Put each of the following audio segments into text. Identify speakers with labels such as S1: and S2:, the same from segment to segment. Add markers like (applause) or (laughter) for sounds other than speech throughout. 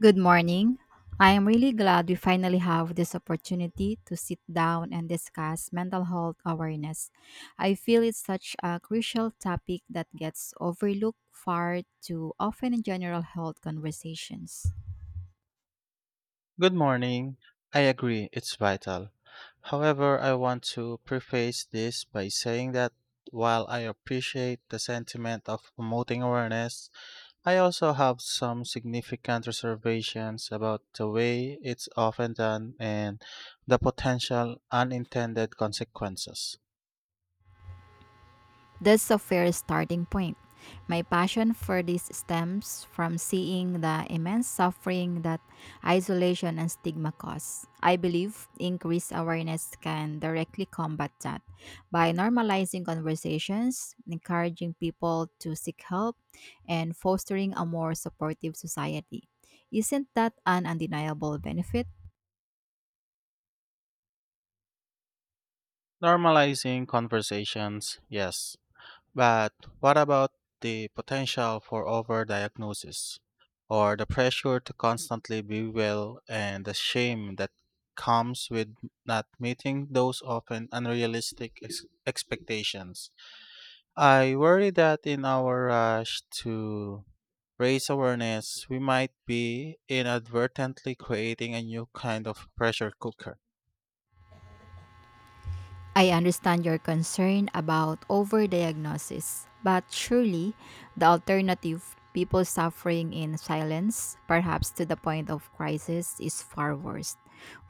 S1: Good morning. I am really glad we finally have this opportunity to sit down and discuss mental health awareness. I feel it's such a crucial topic that gets overlooked far too often in general health conversations.
S2: Good morning. I agree, it's vital. However, I want to preface this by saying that while I appreciate the sentiment of promoting awareness, I also have some significant reservations about the way it's often done and the potential unintended consequences.
S1: That's a fair starting point. My passion for this stems from seeing the immense suffering that isolation and stigma cause. I believe increased awareness can directly combat that by normalizing conversations, encouraging people to seek help, and fostering a more supportive society. Isn't that an undeniable benefit?
S2: Normalizing conversations, yes, but what about the potential for overdiagnosis, or the pressure to constantly be well, and the shame that comes with not meeting those often unrealistic expectations? I worry that in our rush to raise awareness, we might be inadvertently creating a new kind of pressure cooker.
S1: I understand your concern about overdiagnosis, but surely the alternative, people suffering in silence, perhaps to the point of crisis, is far worse.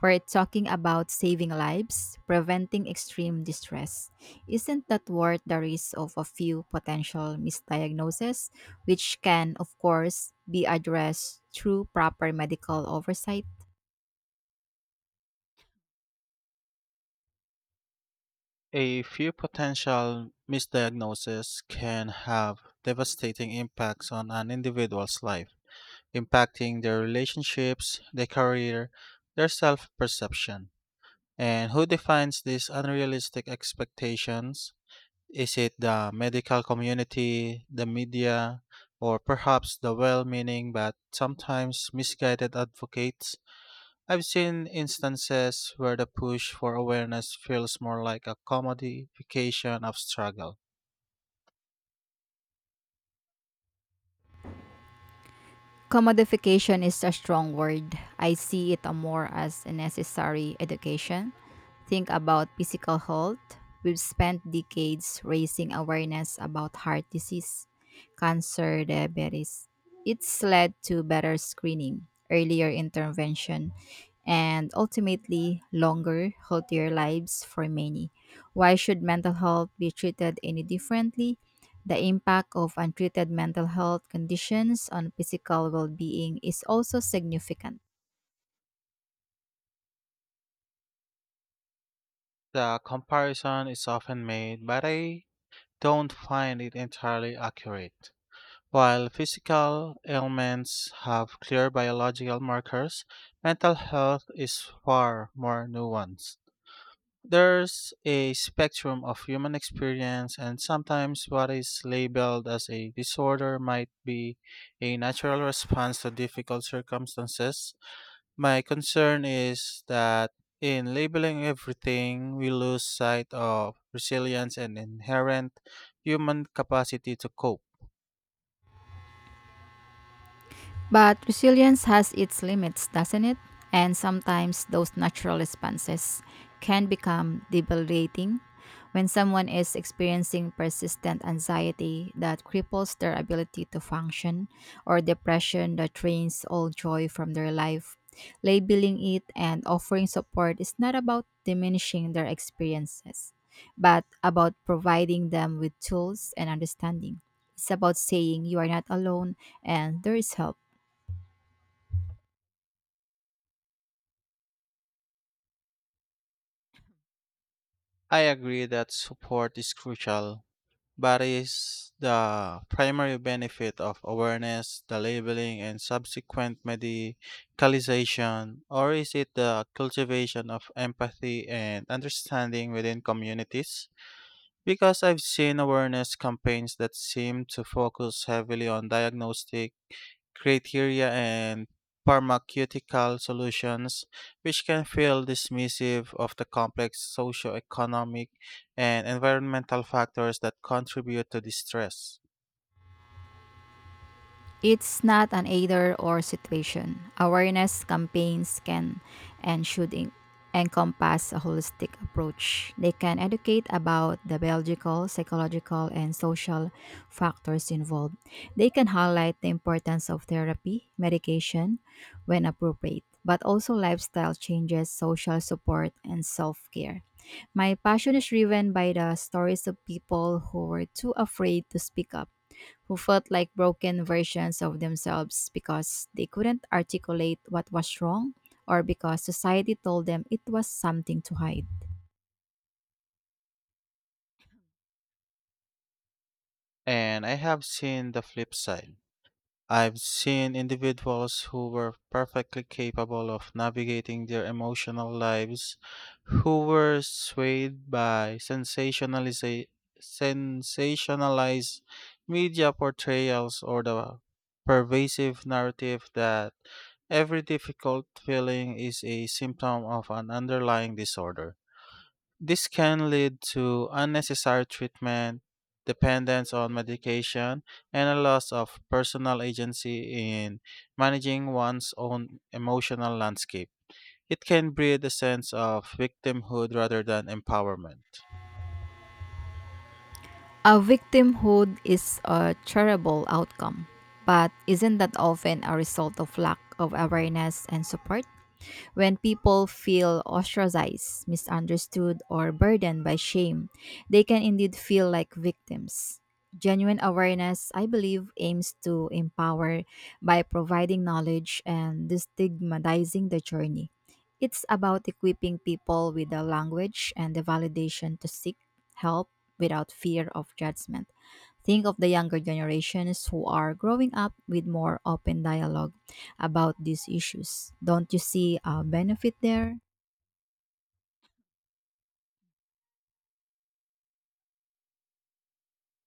S1: We're talking about saving lives, preventing extreme distress. Isn't that worth the risk of a few potential misdiagnoses, which can, of course, be addressed through proper medical oversight?
S2: A few potential misdiagnoses can have devastating impacts on an individual's life, impacting their relationships, their career, their self perception. And who defines these unrealistic expectations? Is it the medical community, the media, or perhaps the well meaning but sometimes misguided advocates? I've seen instances where the push for awareness feels more like a commodification of struggle.
S1: Commodification is a strong word. I see it more as a necessary education. Think about physical health. We've spent decades raising awareness about heart disease, cancer, diabetes. It's led to better screening, earlier intervention, and ultimately longer, healthier lives for many. Why should mental health be treated any differently? The impact of untreated mental health conditions on physical well being is also significant.
S2: The comparison is often made, but I don't find it entirely accurate. While physical ailments have clear biological markers, mental health is far more nuanced. There's a spectrum of human experience, and sometimes what is labeled as a disorder might be a natural response to difficult circumstances. My concern is that in labeling everything, we lose sight of resilience and inherent human capacity to cope.
S1: But resilience has its limits, doesn't it? And sometimes those natural responses can become debilitating when someone is experiencing persistent anxiety that cripples their ability to function or depression that drains all joy from their life. Labeling it and offering support is not about diminishing their experiences, but about providing them with tools and understanding. It's about saying you are not alone and there is help.
S2: I agree that support is crucial, but is the primary benefit of awareness, the labeling, and subsequent medicalization, or is it the cultivation of empathy and understanding within communities? Because I've seen awareness campaigns that seem to focus heavily on diagnostic criteria and pharmaceutical solutions, which can feel dismissive of the complex socio-economic and environmental factors that contribute to distress.
S1: It's not an either or situation. Awareness campaigns can and should encompass a holistic approach. They can educate about the biological, psychological, and social factors involved. They can highlight the importance of therapy, medication when appropriate, but also lifestyle changes, social support, and self care. My passion is driven by the stories of people who were too afraid to speak up who felt like broken versions of themselves because they couldn't articulate what was wrong or because society told them it was something to hide.
S2: And I have seen the flip side. I've seen individuals who were perfectly capable of navigating their emotional lives, who were swayed by sensationalized media portrayals or the pervasive narrative that every difficult feeling is a symptom of an underlying disorder. This can lead to unnecessary treatment, dependence on medication, and a loss of personal agency in managing one's own emotional landscape. It can breed a sense of victimhood rather than empowerment.
S1: A victimhood is a terrible outcome, but isn't that often a result of lack of awareness and support? When people feel ostracized, misunderstood, or burdened by shame, they can indeed feel like victims. Genuine awareness, I believe, aims to empower by providing knowledge and destigmatizing the journey. It's about equipping people with the language and the validation to seek help without fear of judgment. Think of the younger generations who are growing up with more open dialogue about these issues. Don't you see a benefit there?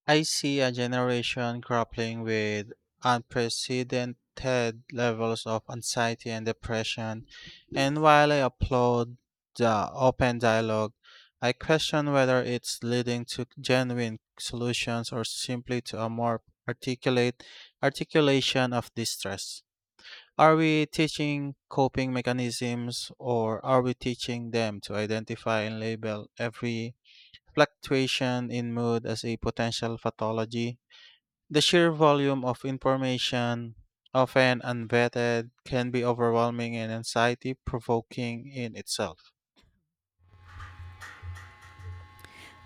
S2: I see a generation grappling with unprecedented levels of anxiety and depression, and while I applaud the open dialogue, I question whether it's leading to genuine solutions or simply to a more articulate articulation of distress. Are we teaching coping mechanisms, or are we teaching them to identify and label every fluctuation in mood as a potential pathology? The sheer volume of information, often unvetted, can be overwhelming and anxiety provoking in itself.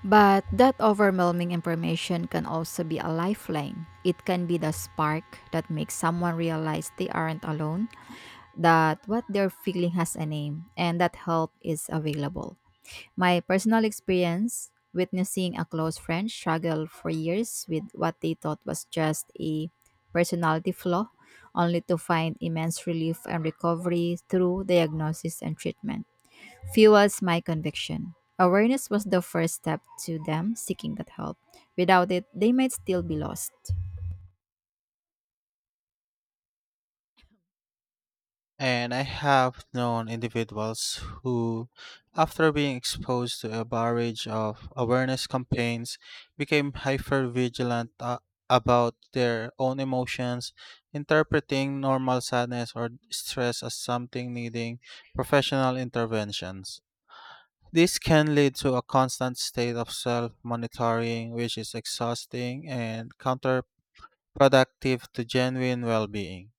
S1: But that overwhelming information can also be a lifeline. It can be the spark that makes someone realize they aren't alone, that what they're feeling has a name, and that help is available. My personal experience witnessing a close friend struggle for years with what they thought was just a personality flaw, only to find immense relief and recovery through diagnosis and treatment, fuels my conviction. Awareness was the first step to them seeking that help. Without it, they might still be lost.
S2: And I have known individuals who, after being exposed to a barrage of awareness campaigns, became hypervigilant about their own emotions, interpreting normal sadness or stress as something needing professional interventions. This can lead to a constant state of self monitoring, which is exhausting and counterproductive to genuine well being.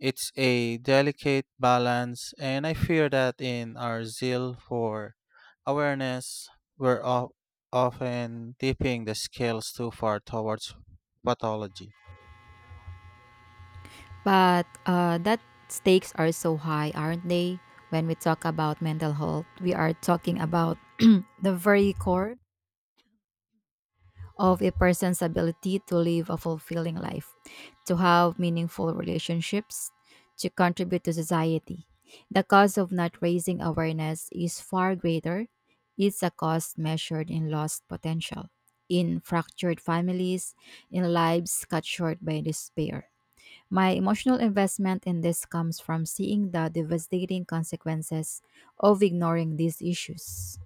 S2: It's a delicate balance, and I fear that in our zeal for awareness, we're often tipping the scales too far towards pathology.
S1: But that stakes are so high, aren't they? When we talk about mental health, we are talking about (clears throat) the very core of a person's ability to live a fulfilling life, to have meaningful relationships, to contribute to society. The cost of not raising awareness is far greater. It's a cost measured in lost potential, in fractured families, in lives cut short by despair. My emotional investment in this comes from seeing the devastating consequences of ignoring these issues.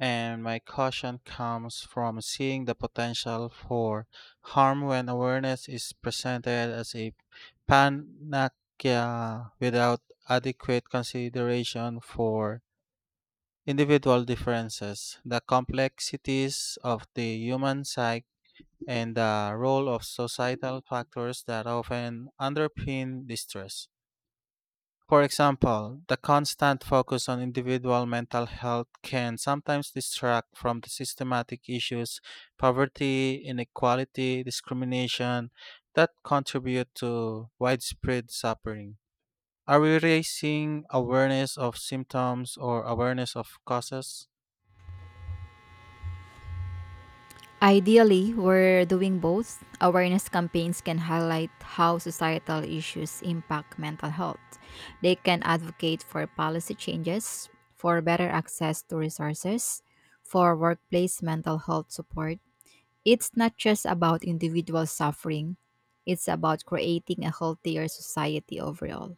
S2: And my caution comes from seeing the potential for harm when awareness is presented as a panacea without adequate consideration for individual differences, the complexities of the human psyche, and the role of societal factors that often underpin distress. For example, the constant focus on individual mental health can sometimes distract from the systematic issues, poverty, inequality, discrimination, that contribute to widespread suffering. Are we raising awareness of symptoms or awareness of causes?
S1: Ideally, we're doing both. Awareness campaigns can highlight how societal issues impact mental health. They can advocate for policy changes, for better access to resources, for workplace mental health support. It's not just about individual suffering, it's about creating a healthier society overall.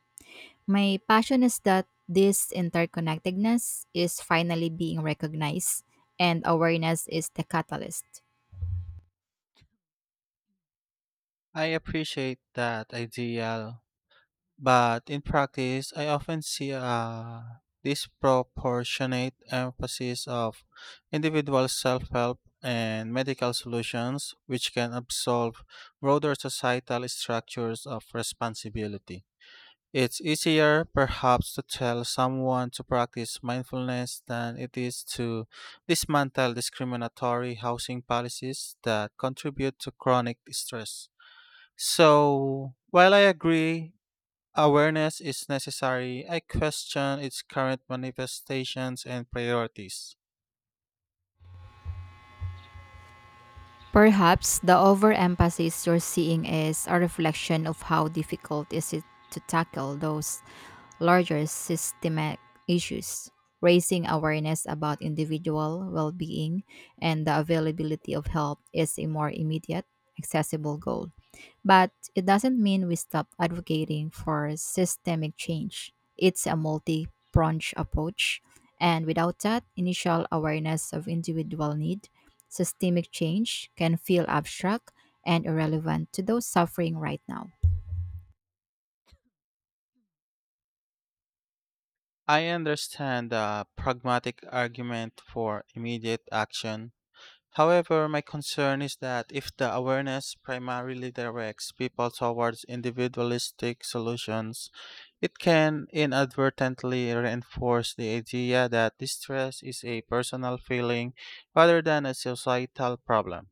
S1: My passion is that this interconnectedness is finally being recognized, and awareness is the catalyst.
S2: I appreciate that idea, but in practice, I often see a disproportionate emphasis of individual self-help and medical solutions, which can absolve broader societal structures of responsibility. It's easier, perhaps, to tell someone to practice mindfulness than it is to dismantle discriminatory housing policies that contribute to chronic stress. So, while I agree awareness is necessary, I question its current manifestations and priorities.
S1: Perhaps the overemphasis you're seeing is a reflection of how difficult is it to tackle those larger systemic issues. Raising awareness about individual well-being and the availability of help is a more immediate, accessible goal. But it doesn't mean we stop advocating for systemic change. It's a multi pronged approach. And without that initial awareness of individual need, systemic change can feel abstract and irrelevant to those suffering right now.
S2: I understand the pragmatic argument for immediate action. However, my concern is that if the awareness primarily directs people towards individualistic solutions, it can inadvertently reinforce the idea that distress is a personal feeling rather than a societal problem.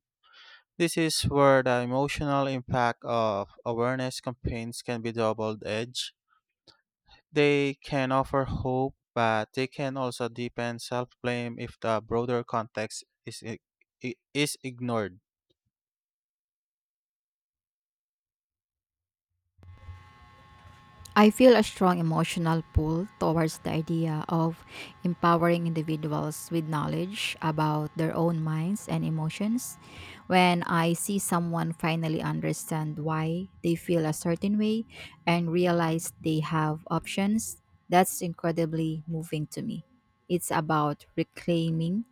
S2: This is where the emotional impact of awareness campaigns can be double edged. They can offer hope, but they can also deepen self blame if the broader context is ignored.
S1: I feel a strong emotional pull towards the idea of empowering individuals with knowledge about their own minds and emotions. When I see someone finally understand why they feel a certain way and realize they have options, that's incredibly moving to me. It's about reclaiming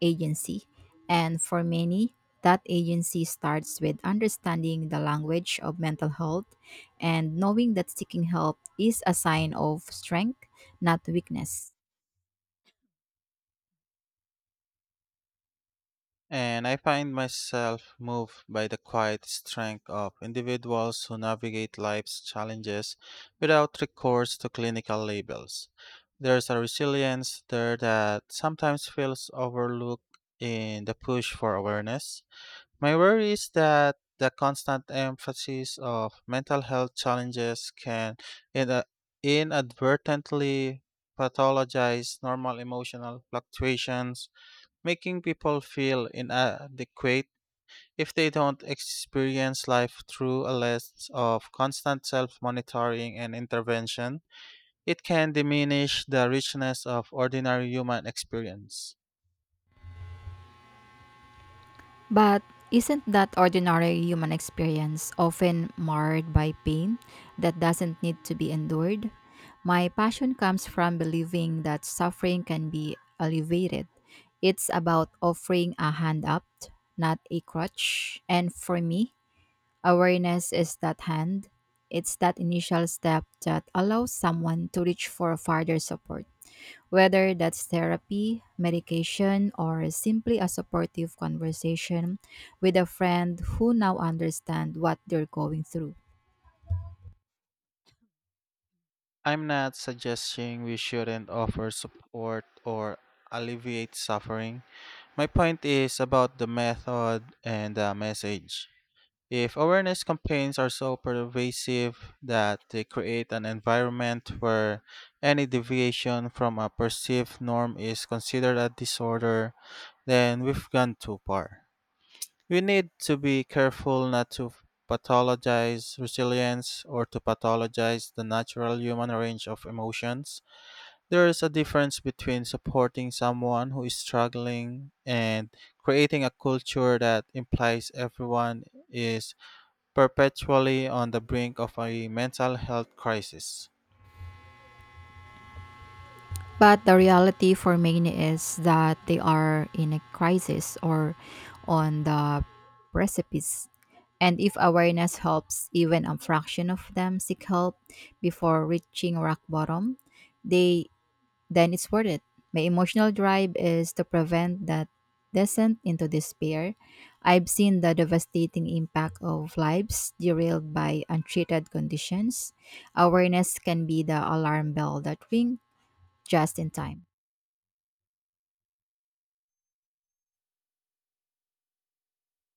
S1: agency, and for many, that agency starts with understanding the language of mental health and knowing that seeking help is a sign of strength, not weakness.
S2: And I find myself moved by the quiet strength of individuals who navigate life's challenges without recourse to clinical labels. There's a resilience there that sometimes feels overlooked in the push for awareness. My worry is that the constant emphasis of mental health challenges can ina- inadvertently pathologize normal emotional fluctuations, making people feel inadequate if they don't experience life through a lens of constant self monitoring and intervention. It can diminish the richness of ordinary human experience.
S1: But isn't that ordinary human experience often marred by pain that doesn't need to be endured? My passion comes from believing that suffering can be alleviated. It's about offering a hand up, not a crutch. And for me, awareness is that hand. It's that initial step that allows someone to reach for further support. Whether that's therapy, medication, or simply a supportive conversation with a friend who now understands what they're going through.
S2: I'm not suggesting we shouldn't offer support or alleviate suffering. My point is about the method and the message. If awareness campaigns are so pervasive that they create an environment where any deviation from a perceived norm is considered a disorder, then we've gone too far. We need to be careful not to pathologize resilience or to pathologize the natural human range of emotions. There is a difference between supporting someone who is struggling and creating a culture that implies everyone is perpetually on the brink of a mental health crisis.
S1: But the reality for many is that they are in a crisis or on the precipice. And if awareness helps even a fraction of them seek help before reaching rock bottom, they then it's worth it. My emotional drive is to prevent that descent into despair. I've seen the devastating impact of lives derailed by untreated conditions. Awareness can be the alarm bell that rings just in time.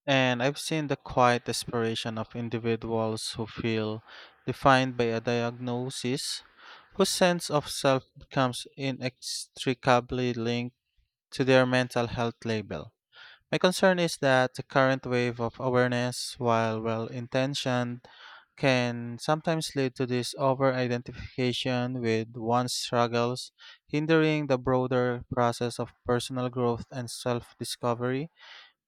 S2: And I've seen the quiet desperation of individuals who feel defined by a diagnosis, whose sense of self becomes inextricably linked to their mental health label. My concern is that the current wave of awareness, while well intentioned, can sometimes lead to this over identification with one's struggles, hindering the broader process of personal growth and self discovery.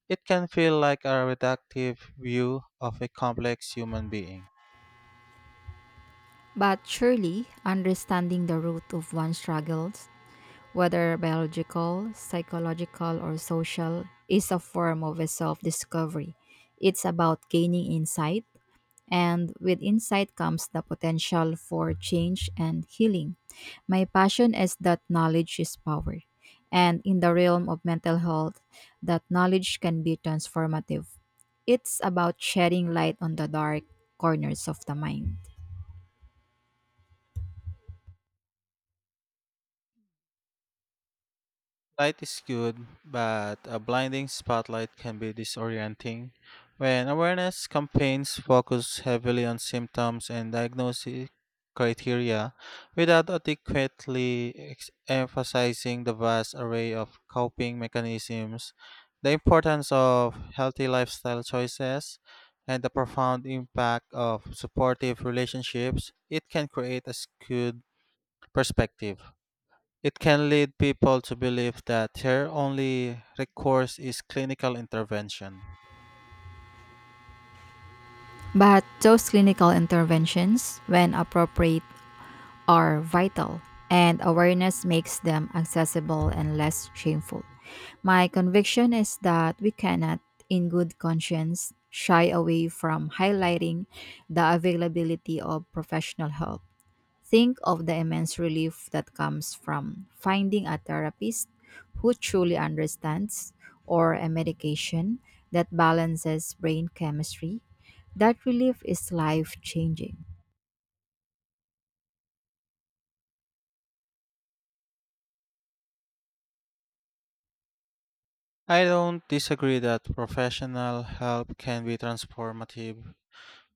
S2: It can feel like a reductive view of a complex human being.
S1: But surely, understanding the root of one's struggles, whether biological, psychological, or social, is a form of a self discovery. It's about gaining insight. And with insight comes the potential for change and healing. My passion is that knowledge is power. And in the realm of mental health, that knowledge can be transformative. It's about shedding light on the dark corners of the mind.
S2: Light is good, but a blinding spotlight can be disorienting. When awareness campaigns focus heavily on symptoms and diagnosis criteria without adequately emphasizing the vast array of coping mechanisms, the importance of healthy lifestyle choices, and the profound impact of supportive relationships, it can create a skewed perspective. It can lead people to believe that their only recourse is clinical intervention.
S1: But those clinical interventions, when appropriate, are vital, and awareness makes them accessible and less shameful. My conviction is that we cannot, in good conscience, shy away from highlighting the availability of professional help. Think of the immense relief that comes from finding a therapist who truly understands, or a medication that balances brain chemistry. That relief is life changing.
S2: I don't disagree that professional help can be transformative,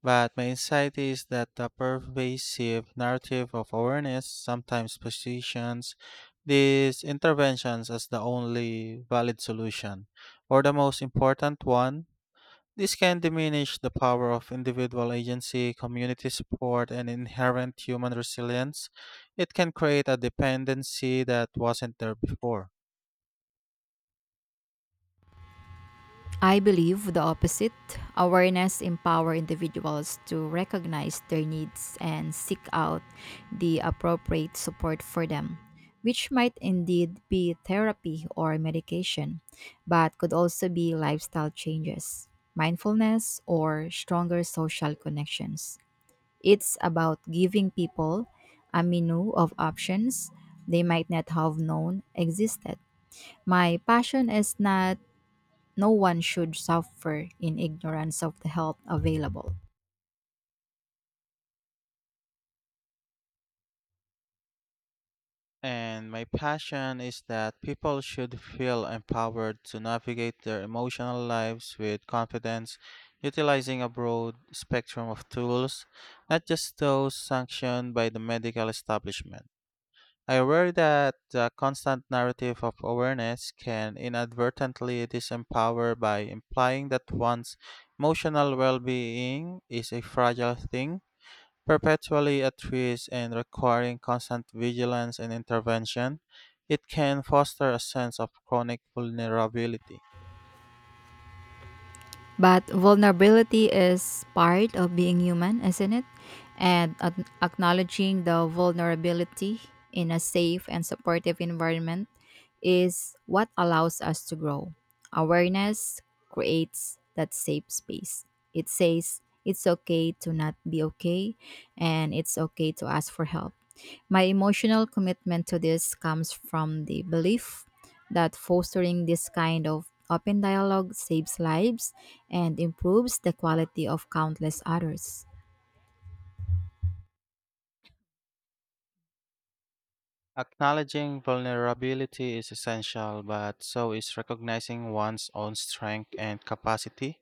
S2: but my insight is that the pervasive narrative of awareness sometimes positions these interventions as the only valid solution, or the most important one. This can diminish the power of individual agency, community support, and inherent human resilience. It can create a dependency that wasn't there before.
S1: I believe the opposite. Awareness empower individuals to recognize their needs and seek out the appropriate support for them, which might indeed be therapy or medication, but could also be lifestyle changes, mindfulness, or stronger social connections. It's about giving people a menu of options they might not have known existed. My passion is not no one should suffer in ignorance of the help available.
S2: And my passion is that people should feel empowered to navigate their emotional lives with confidence, utilizing a broad spectrum of tools, not just those sanctioned by the medical establishment. I worry that the constant narrative of awareness can inadvertently disempower by implying that one's emotional well being is a fragile thing, perpetually at risk and requiring constant vigilance and intervention. It can foster a sense of chronic vulnerability.
S1: But vulnerability is part of being human, isn't it? And acknowledging the vulnerability in a safe and supportive environment is what allows us to grow. Awareness creates that safe space. It says it's okay to not be okay and it's okay to ask for help. My emotional commitment to this comes from the belief that fostering this kind of open dialogue saves lives and improves the quality of countless others.
S2: Acknowledging vulnerability is essential, but so is recognizing one's own strength and capacity.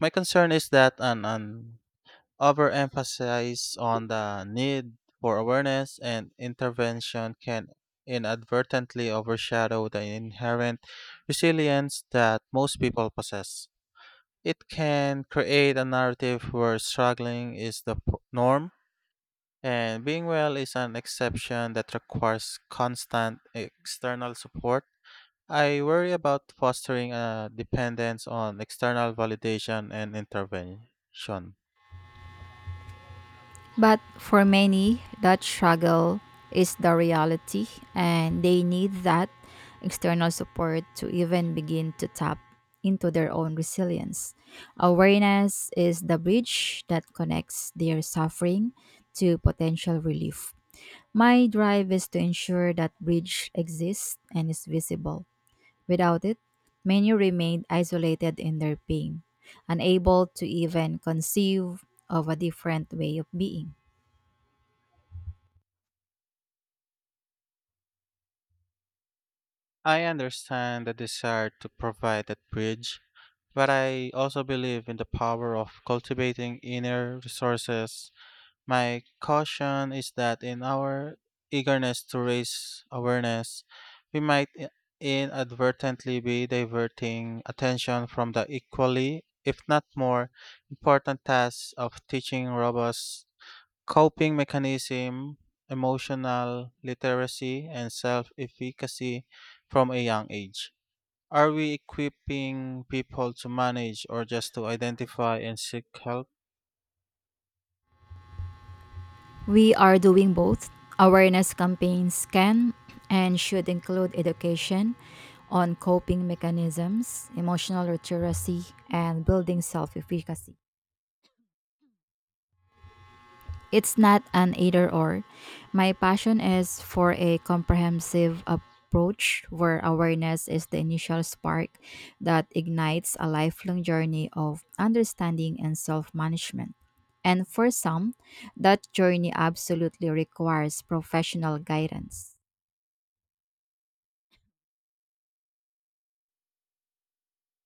S2: My concern is that an overemphasis on the need for awareness and intervention can inadvertently overshadow the inherent resilience that most people possess. It can create a narrative where struggling is the norm and being well is an exception that requires constant external support. I worry about fostering a dependence on external validation and intervention.
S1: But for many, that struggle is the reality, and they need that external support to even begin to tap into their own resilience. Awareness is the bridge that connects their suffering to potential relief. My drive is to ensure that bridge exists and is visible. Without it, many remained isolated in their pain, unable to even conceive of a different way of being.
S2: I understand the desire to provide that bridge, but I also believe in the power of cultivating inner resources. My caution is that in our eagerness to raise awareness, we might inadvertently be diverting attention from the equally, if not more, important task of teaching robust coping mechanism, emotional literacy, and self efficacy from a young age. Are we equipping people to manage or just to identify and seek help?
S1: We are doing both. Awareness campaigns can and should include education on coping mechanisms, emotional literacy, and building self efficacy. It's not an either or. My passion is for a comprehensive approach where awareness is the initial spark that ignites a lifelong journey of understanding and self management. And for some, that journey absolutely requires professional guidance.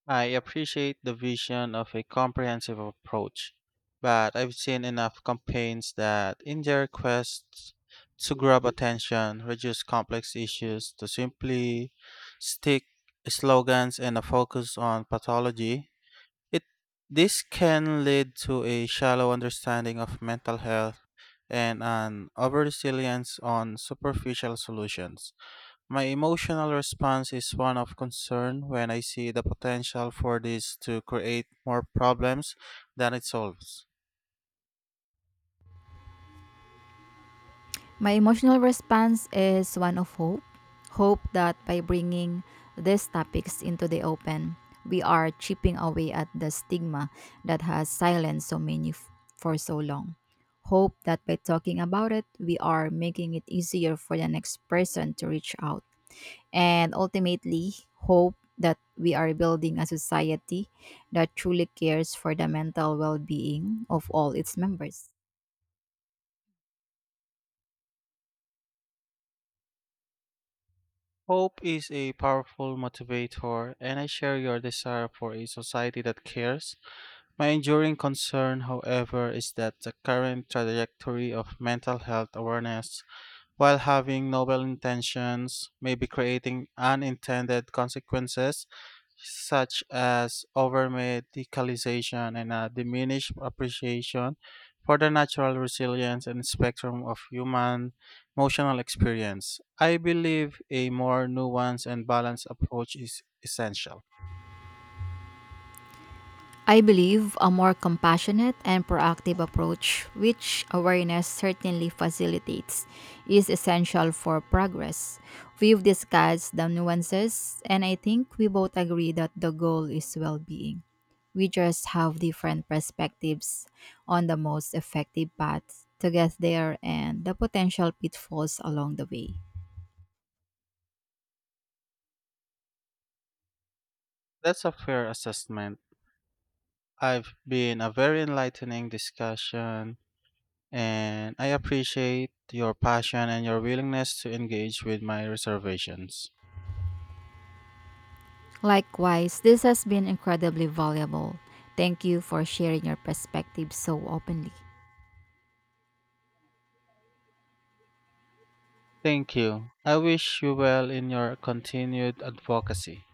S2: I appreciate the vision of a comprehensive approach, but I've seen enough campaigns that, in their quest to grab attention, reduce complex issues, to simply stick slogans and a focus on pathology. It this can lead to a shallow understanding of mental health and an over reliance on superficial solutions. My emotional response is one of concern when I see the potential for this to create more problems than it solves.
S1: My emotional response is one of hope. Hope that by bringing these topics into the open, we are chipping away at the stigma that has silenced so many for so long. Hope that by talking about it, we are making it easier for the next person to reach out. And ultimately, hope that we are building a society that truly cares for the mental well being of all its members.
S2: Hope is a powerful motivator, and I share your desire for a society that cares. My enduring concern, however, is that the current trajectory of mental health awareness, while having noble intentions, maybe creating unintended consequences such as overmedicalization and a diminished appreciation for the natural resilience and spectrum of human emotional experience. I believe a more nuanced and balanced approach is essential.
S1: I believe a more compassionate and proactive approach, which awareness certainly facilitates, is essential for progress. We've discussed the nuances, and I think we both agree that the goal is well being. We just have different perspectives on the most effective path to get there and the potential pitfalls along the way.
S2: That's a fair assessment. I've been a very enlightening discussion, and I appreciate your passion and your willingness to engage with my reservations.
S1: Likewise, this has been incredibly valuable. Thank you for sharing your perspective so openly.
S2: Thank you. I wish you well in your continued advocacy.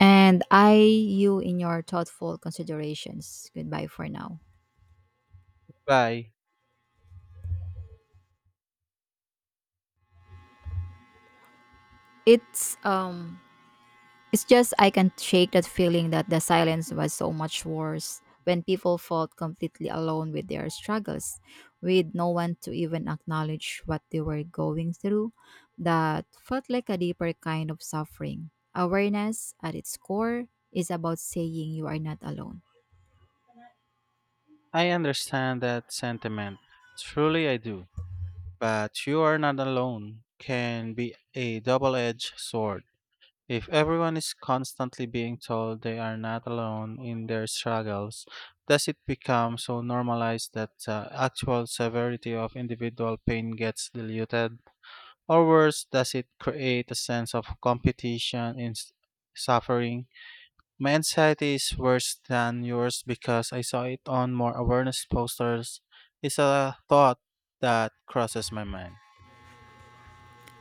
S1: And I you in your thoughtful considerations. Goodbye for now.
S2: Bye.
S1: It's It's just I can't shake that feeling that the silence was so much worse when people felt completely alone with their struggles, with no one to even acknowledge what they were going through. That felt like a deeper kind of suffering. Awareness, at its core, is about saying you are not alone.
S2: I understand that sentiment. Truly I do. But you are not alone can be a double-edged sword. If everyone is constantly being told they are not alone in their struggles, does it become so normalized that the actual severity of individual pain gets diluted? Or worse, does it create a sense of competition and suffering? My anxiety is worse than yours because I saw it on more awareness posters. It's a thought that crosses my mind.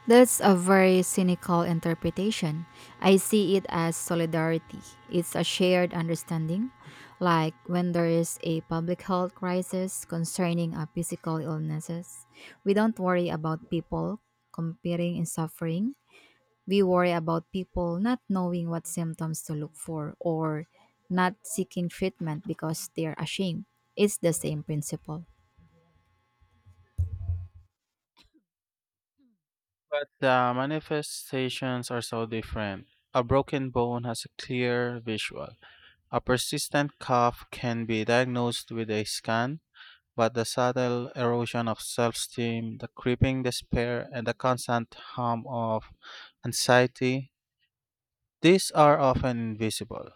S1: That's a very cynical interpretation. I see it as solidarity. It's a shared understanding, like when there is a public health crisis concerning a physical illnesses. We don't worry about people competing in suffering. We worry about people not knowing what symptoms to look for or not seeking treatment because they're ashamed. It's the same principle.
S2: But the manifestations are so different. A broken bone has a clear visual. A persistent cough can be diagnosed with a scan. But the subtle erosion of self esteem, the creeping despair, and the constant hum of anxiety, these are often invisible.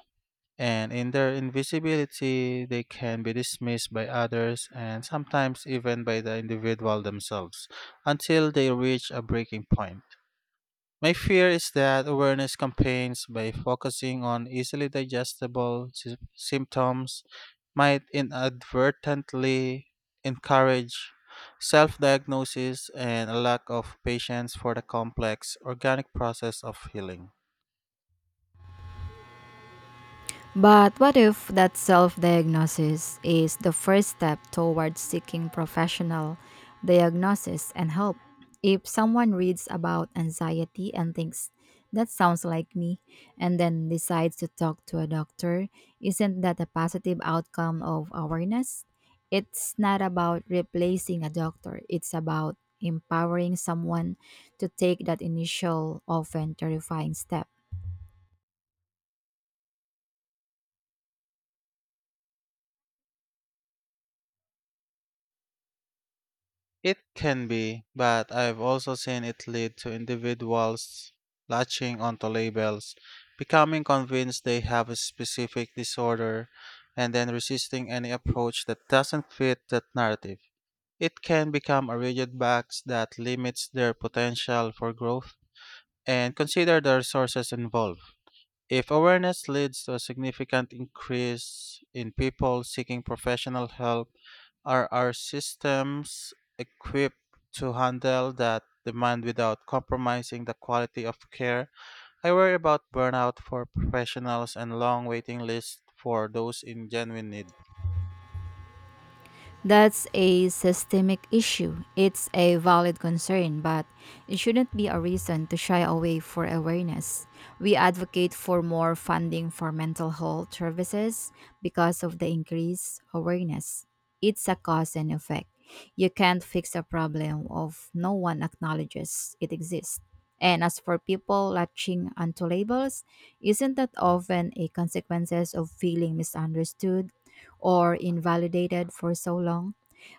S2: And in their invisibility, they can be dismissed by others and sometimes even by the individual themselves until they reach a breaking point. My fear is that awareness campaigns, by focusing on easily digestible symptoms, might inadvertently encourage self diagnosis and a lack of patience for the complex organic process of healing.
S1: But what if that self diagnosis is the first step towards seeking professional diagnosis and help? If someone reads about anxiety and thinks, that sounds like me, and then decides to talk to a doctor, isn't that a positive outcome of awareness? It's not about replacing a doctor, it's about empowering someone to take that initial, often terrifying step.
S2: It can be, but I've also seen it lead to individuals latching onto labels, becoming convinced they have a specific disorder, and then resisting any approach that doesn't fit that narrative. It can become a rigid box that limits their potential for growth and consider the resources involved. If awareness leads to a significant increase in people seeking professional help, are our systems equipped to handle that demand without compromising the quality of care? I worry about burnout for professionals and long waiting lists for those in genuine need.
S1: That's a systemic issue. It's a valid concern, but it shouldn't be a reason to shy away for awareness. We advocate for more funding for mental health services because of the increased awareness. It's a cause and effect. You can't fix a problem if no one acknowledges it exists. And as for people latching onto labels, isn't that often a consequences of feeling misunderstood or invalidated for so long.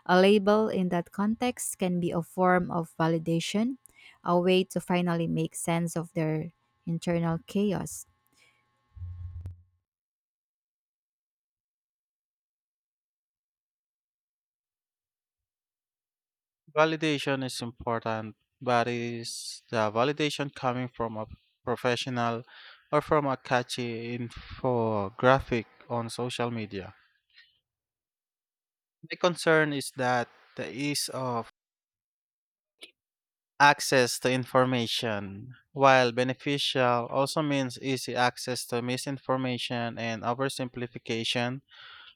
S1: A label in that context can be a form of validation, a way to finally make sense of their internal chaos.
S2: Validation is important, but is the validation coming from a professional or from a catchy infographic on social media? My concern is that the ease of access to information, while beneficial, also means easy access to misinformation and oversimplification.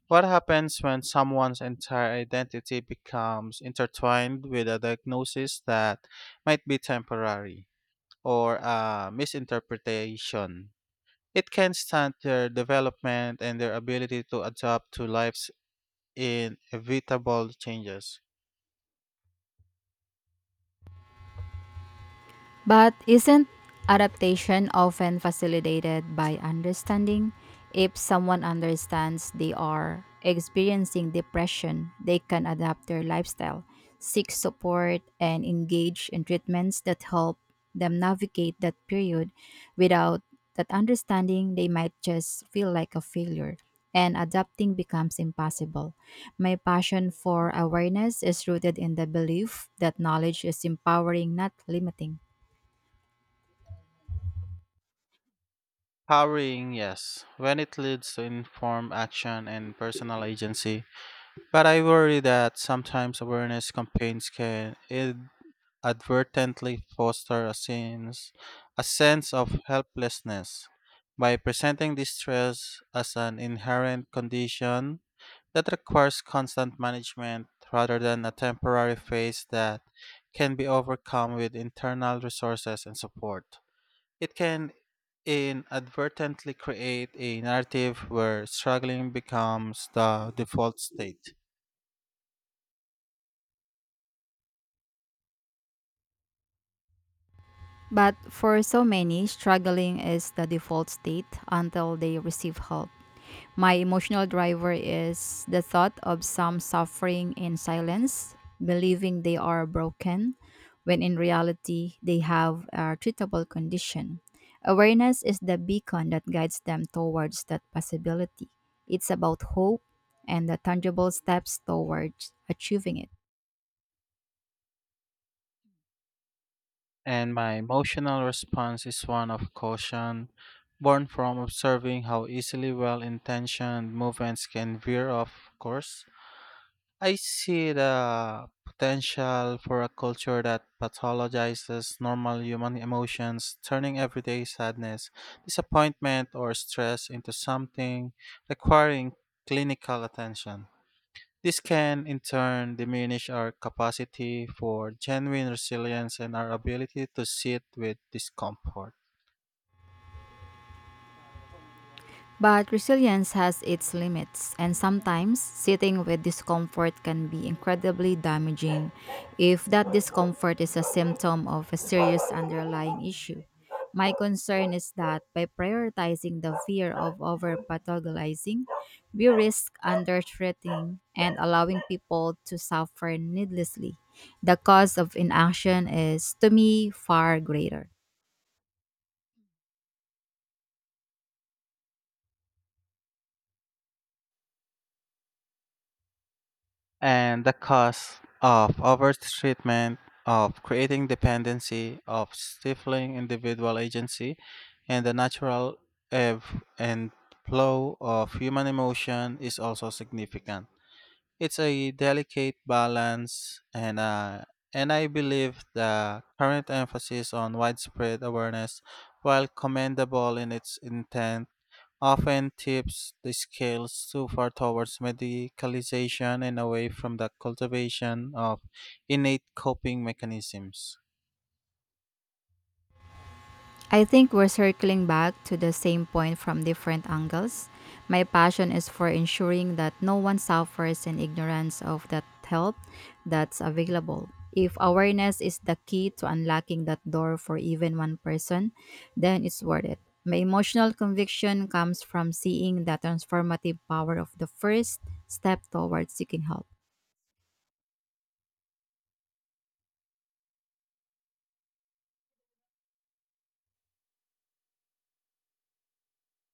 S2: What happens when someone's entire identity becomes intertwined with a diagnosis that might be temporary or a misinterpretation? It can stunt their development and their ability to adapt to life's inevitable changes.
S1: But isn't adaptation often facilitated by understanding? If someone understands they are experiencing depression, they can adapt their lifestyle, seek support, and engage in treatments that help them navigate that period. Without that understanding, they might just feel like a failure. And adapting becomes impossible. My passion for awareness is rooted in the belief that knowledge is empowering, not limiting.
S2: Powering, yes, when it leads to informed action and personal agency. But I worry that sometimes awareness campaigns can inadvertently foster a sense of helplessness by presenting distress as an inherent condition that requires constant management rather than a temporary phase that can be overcome with internal resources and support. It can inadvertently create a narrative where struggling becomes the default state.
S1: But for so many, struggling is the default state until they receive help. My emotional driver is the thought of some suffering in silence, believing they are broken, when in reality they have a treatable condition. Awareness is the beacon that guides them towards that possibility. It's about hope and the tangible steps towards achieving it.
S2: And my emotional response is one of caution, born from observing how easily well intentioned movements can veer off course. I see the potential for a culture that pathologizes normal human emotions, turning everyday sadness, disappointment, or stress into something requiring clinical attention. This can, in turn, diminish our capacity for genuine resilience and our ability to sit with discomfort.
S1: But resilience has its limits, and sometimes sitting with discomfort can be incredibly damaging if that discomfort is a symptom of a serious underlying issue. My concern is that by prioritizing the fear of over pathologizing, we risk under threatening and allowing people to suffer needlessly. The cost of inaction is, to me, far greater.
S2: And the cost of overtreatment, of creating dependency, of stifling individual agency, and the natural ebb and flow of human emotion is also significant. It's a delicate balance, and I believe the current emphasis on widespread awareness, while commendable in its intent, often tips the scales too far towards medicalization and away from the cultivation of innate coping mechanisms.
S1: I think we're circling back to the same point from different angles. My passion is for ensuring that no one suffers in ignorance of that help that's available. If awareness is the key to unlocking that door for even one person, then it's worth it. My emotional conviction comes from seeing the transformative power of the first step towards seeking help.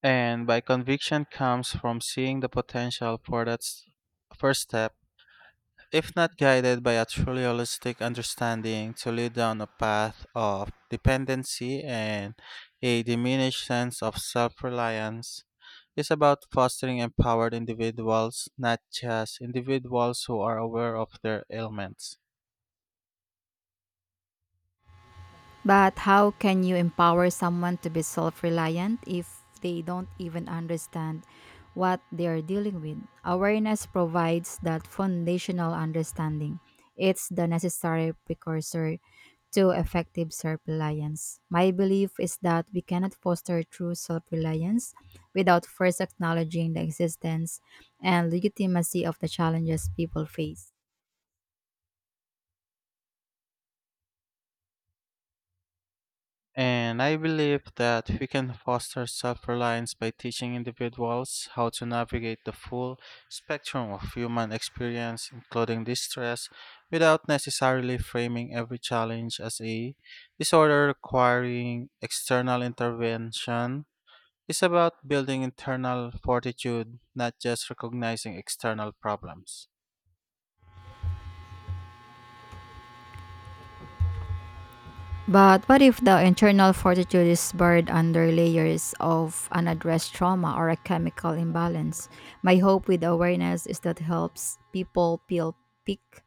S2: And by conviction comes from seeing the potential for that first step, if not guided by a truly holistic understanding, to lead down a path of dependency and a diminished sense of self reliance is about fostering empowered individuals, not just individuals who are aware of their ailments.
S1: But how can you empower someone to be self reliant if they don't even understand what they are dealing with? Awareness provides that foundational understanding. It's the necessary precursor to effective self reliance. My belief is that we cannot foster true self reliance without first acknowledging the existence and legitimacy of the challenges people face.
S2: And I believe that we can foster self reliance by teaching individuals how to navigate the full spectrum of human experience, including distress, without necessarily framing every challenge as a disorder requiring external intervention. It's about building internal fortitude, not just recognizing external problems.
S1: But what if the internal fortitude is buried under layers of unaddressed trauma or a chemical imbalance? My hope with awareness is that helps people peel pick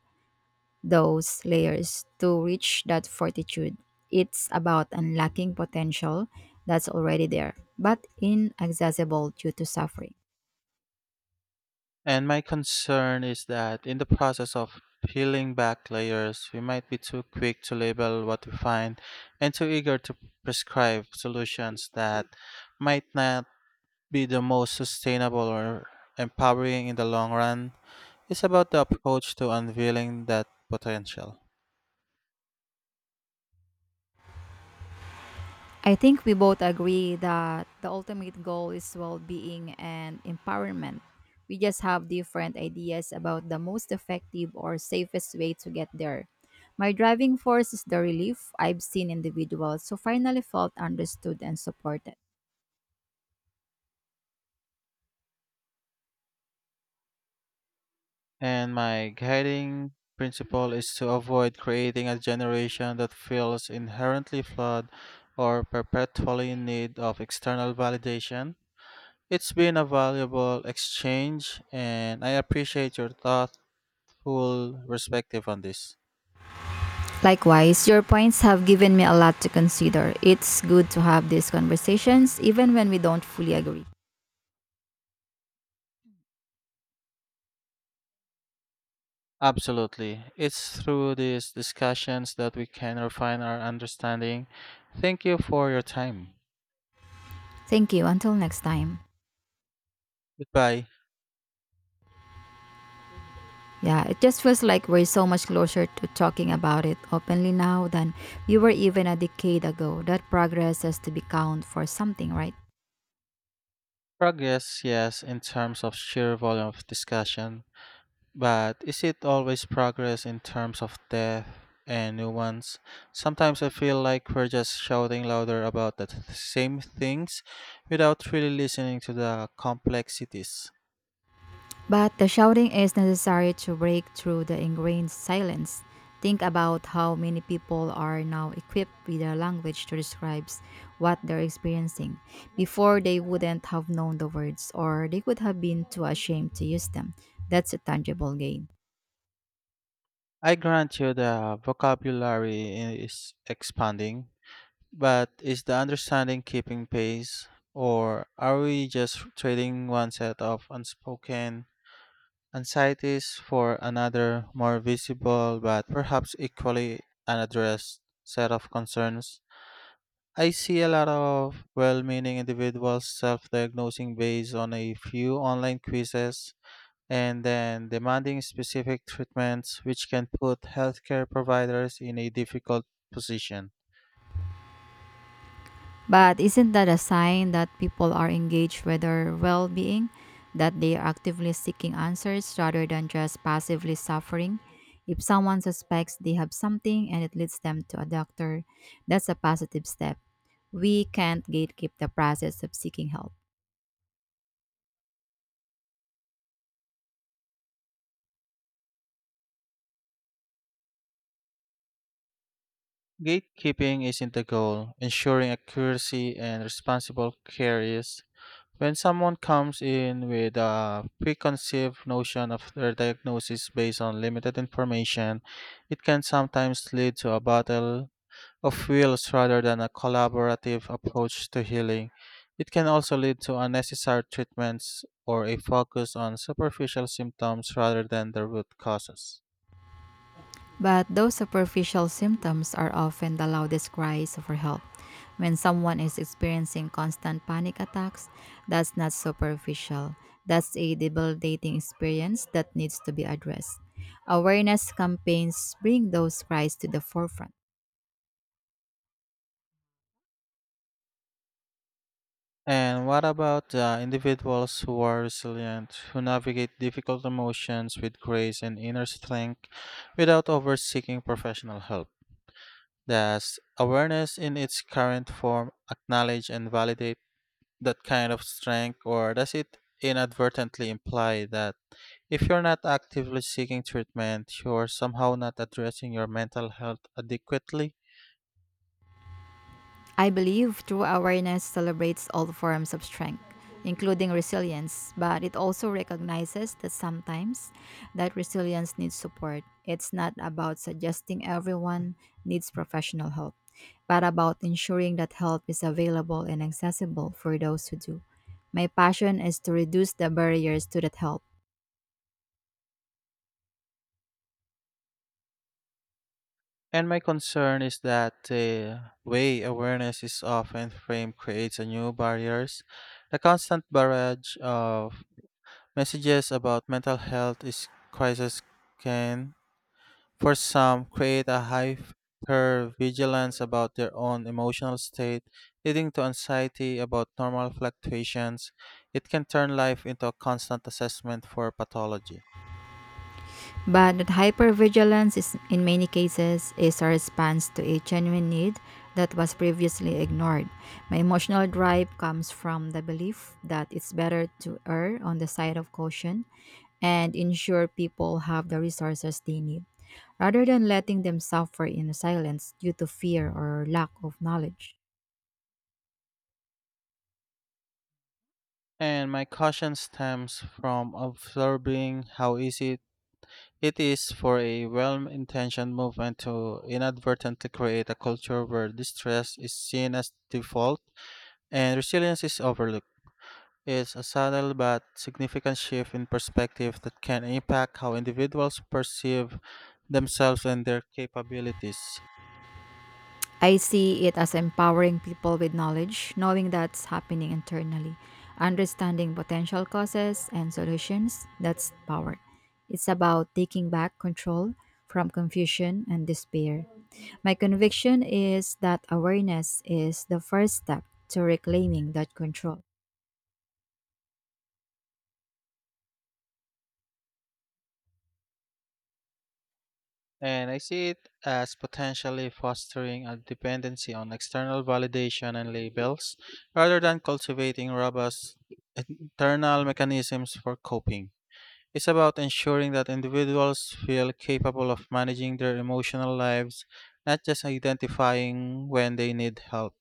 S1: those layers to reach that fortitude. It's about unlocking potential that's already there, but inaccessible due to suffering.
S2: And my concern is that in the process of peeling back layers, we might be too quick to label what we find and too eager to prescribe solutions that might not be the most sustainable or empowering in the long run. It's about the approach to unveiling that potential.
S1: I think we both agree that the ultimate goal is well being and empowerment. We just have different ideas about the most effective or safest way to get there. My driving force is the relief I've seen individuals who finally felt understood and supported.
S2: And my guiding principle is to avoid creating a generation that feels inherently flawed or perpetually in need of external validation. It's been a valuable exchange, and I appreciate your thoughtful perspective on this.
S1: Likewise, your points have given me a lot to consider. It's good to have these conversations even when we don't fully agree.
S2: Absolutely. It's through these discussions that we can refine our understanding. Thank you for your time.
S1: Thank you. Until next time.
S2: Goodbye.
S1: Yeah, it just feels like we're so much closer to talking about it openly now than we were even a decade ago. That progress has to be counted for something, right?
S2: Progress, yes, in terms of sheer volume of discussion, but is it always progress in terms of death and new ones? Sometimes I feel like we're just shouting louder about the same things without really listening to the complexities.
S1: But the shouting is necessary to break through the ingrained silence. Think about how many people are now equipped with a language to describe what they're experiencing. Before, they wouldn't have known the words, or they could have been too ashamed to use them. That's a tangible gain.
S2: I grant you the vocabulary is expanding, but is the understanding keeping pace? Or are we just trading one set of unspoken anxiety is for another, more visible but perhaps equally unaddressed set of concerns. I see a lot of well meaning individuals self diagnosing based on a few online quizzes and then demanding specific treatments, which can put healthcare providers in a difficult position.
S1: But isn't that a sign that people are engaged with their well being? That they are actively seeking answers rather than just passively suffering? If someone suspects they have something and it leads them to a doctor, that's a positive step. We can't gatekeep the process of seeking help.
S2: Gatekeeping isn't the goal, ensuring accuracy and responsible care is. When someone comes in with a preconceived notion of their diagnosis based on limited information, it can sometimes lead to a battle of wills rather than a collaborative approach to healing. It can also lead to unnecessary treatments or a focus on superficial symptoms rather than the root causes.
S1: But those superficial symptoms are often the loudest cries for help. When someone is experiencing constant panic attacks, that's not superficial. That's a debilitating experience that needs to be addressed. Awareness campaigns bring those cries to the forefront.
S2: And what about the individuals who are resilient, who navigate difficult emotions with grace and inner strength without over seeking professional help? Does awareness in its current form acknowledge and validate that kind of strength, or does it inadvertently imply that if you're not actively seeking treatment, you're somehow not addressing your mental health adequately?
S1: I believe true awareness celebrates all forms of strength, including resilience, but it also recognizes that sometimes that resilience needs support. It's not about suggesting everyone needs professional help, but about ensuring that help is available and accessible for those who do. My passion is to reduce the barriers to that help.
S2: And my concern is that the way awareness is often framed creates a new barriers. The constant barrage of messages about mental health is crisis can, for some, create a hyper vigilance about their own emotional state, leading to anxiety about normal fluctuations. It can turn life into a constant assessment for pathology.
S1: But that hypervigilance is in many cases is a response to a genuine need that was previously ignored. My emotional drive comes from the belief that it's better to err on the side of caution and ensure people have the resources they need, rather than letting them suffer in silence due to fear or lack of knowledge.
S2: And my caution stems from observing how easy it is for a well intentioned movement to inadvertently create a culture where distress is seen as default and resilience is overlooked. It's a subtle but significant shift in perspective that can impact how individuals perceive themselves and their capabilities.
S1: I see it as empowering people with knowledge, knowing that's happening internally, understanding potential causes and solutions. That's power. It's about taking back control from confusion and despair. My conviction is that awareness is the first step to reclaiming that control.
S2: And I see it as potentially fostering a dependency on external validation and labels rather than cultivating robust internal mechanisms for coping. It's about ensuring that individuals feel capable of managing their emotional lives, not just identifying when they need help.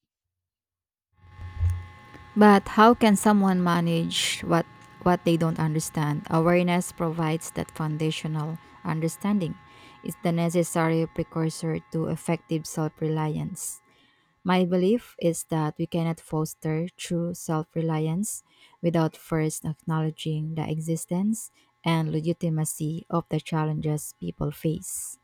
S1: But how can someone manage what they don't understand? Awareness provides that foundational understanding. It's the necessary precursor to effective self-reliance. My belief is that we cannot foster true self-reliance without first acknowledging the existence and legitimacy of the challenges people face.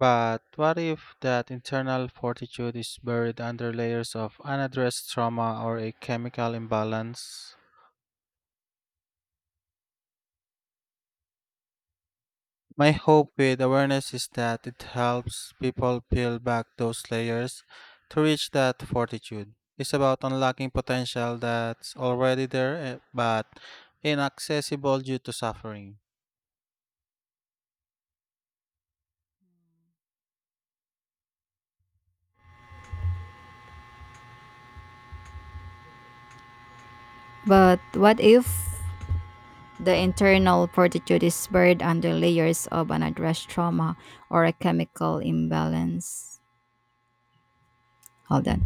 S2: But what if that internal fortitude is buried under layers of unaddressed trauma or a chemical imbalance? My hope with awareness is that it helps people peel back those layers to reach that fortitude. It's about unlocking potential that's already there, but inaccessible due to suffering.
S1: But what if the internal fortitude is buried under layers of unaddressed trauma or a chemical imbalance? Hold on.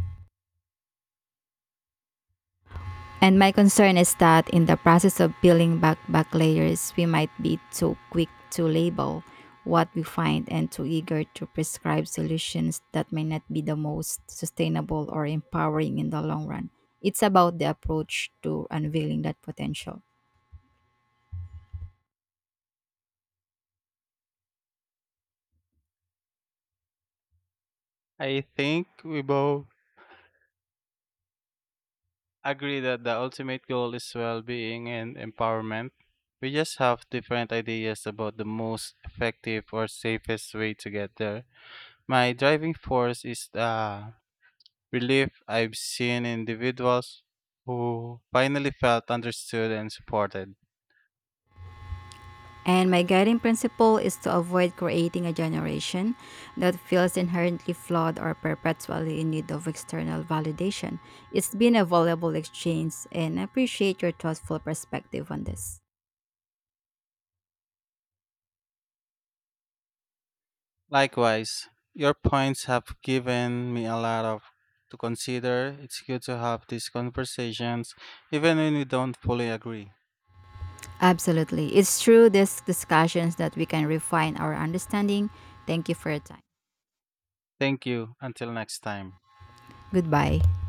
S1: And my concern is that in the process of peeling back layers, we might be too quick to label what we find and too eager to prescribe solutions that may not be the most sustainable or empowering in the long run. It's about the approach to unveiling that potential.
S2: I think we both agree that the ultimate goal is well being and empowerment. We just have different ideas about the most effective or safest way to get there. My driving force is the relief I've seen in individuals who finally felt understood and supported.
S1: And my guiding principle is to avoid creating a generation that feels inherently flawed or perpetually in need of external validation. It's been a valuable exchange and I appreciate your thoughtful perspective on this.
S2: Likewise, your points have given me a lot of to consider. It's good to have these conversations even when we don't fully agree.
S1: Absolutely. It's through these discussions that we can refine our understanding. Thank you for your time.
S2: Thank you. Until next time.
S1: Goodbye.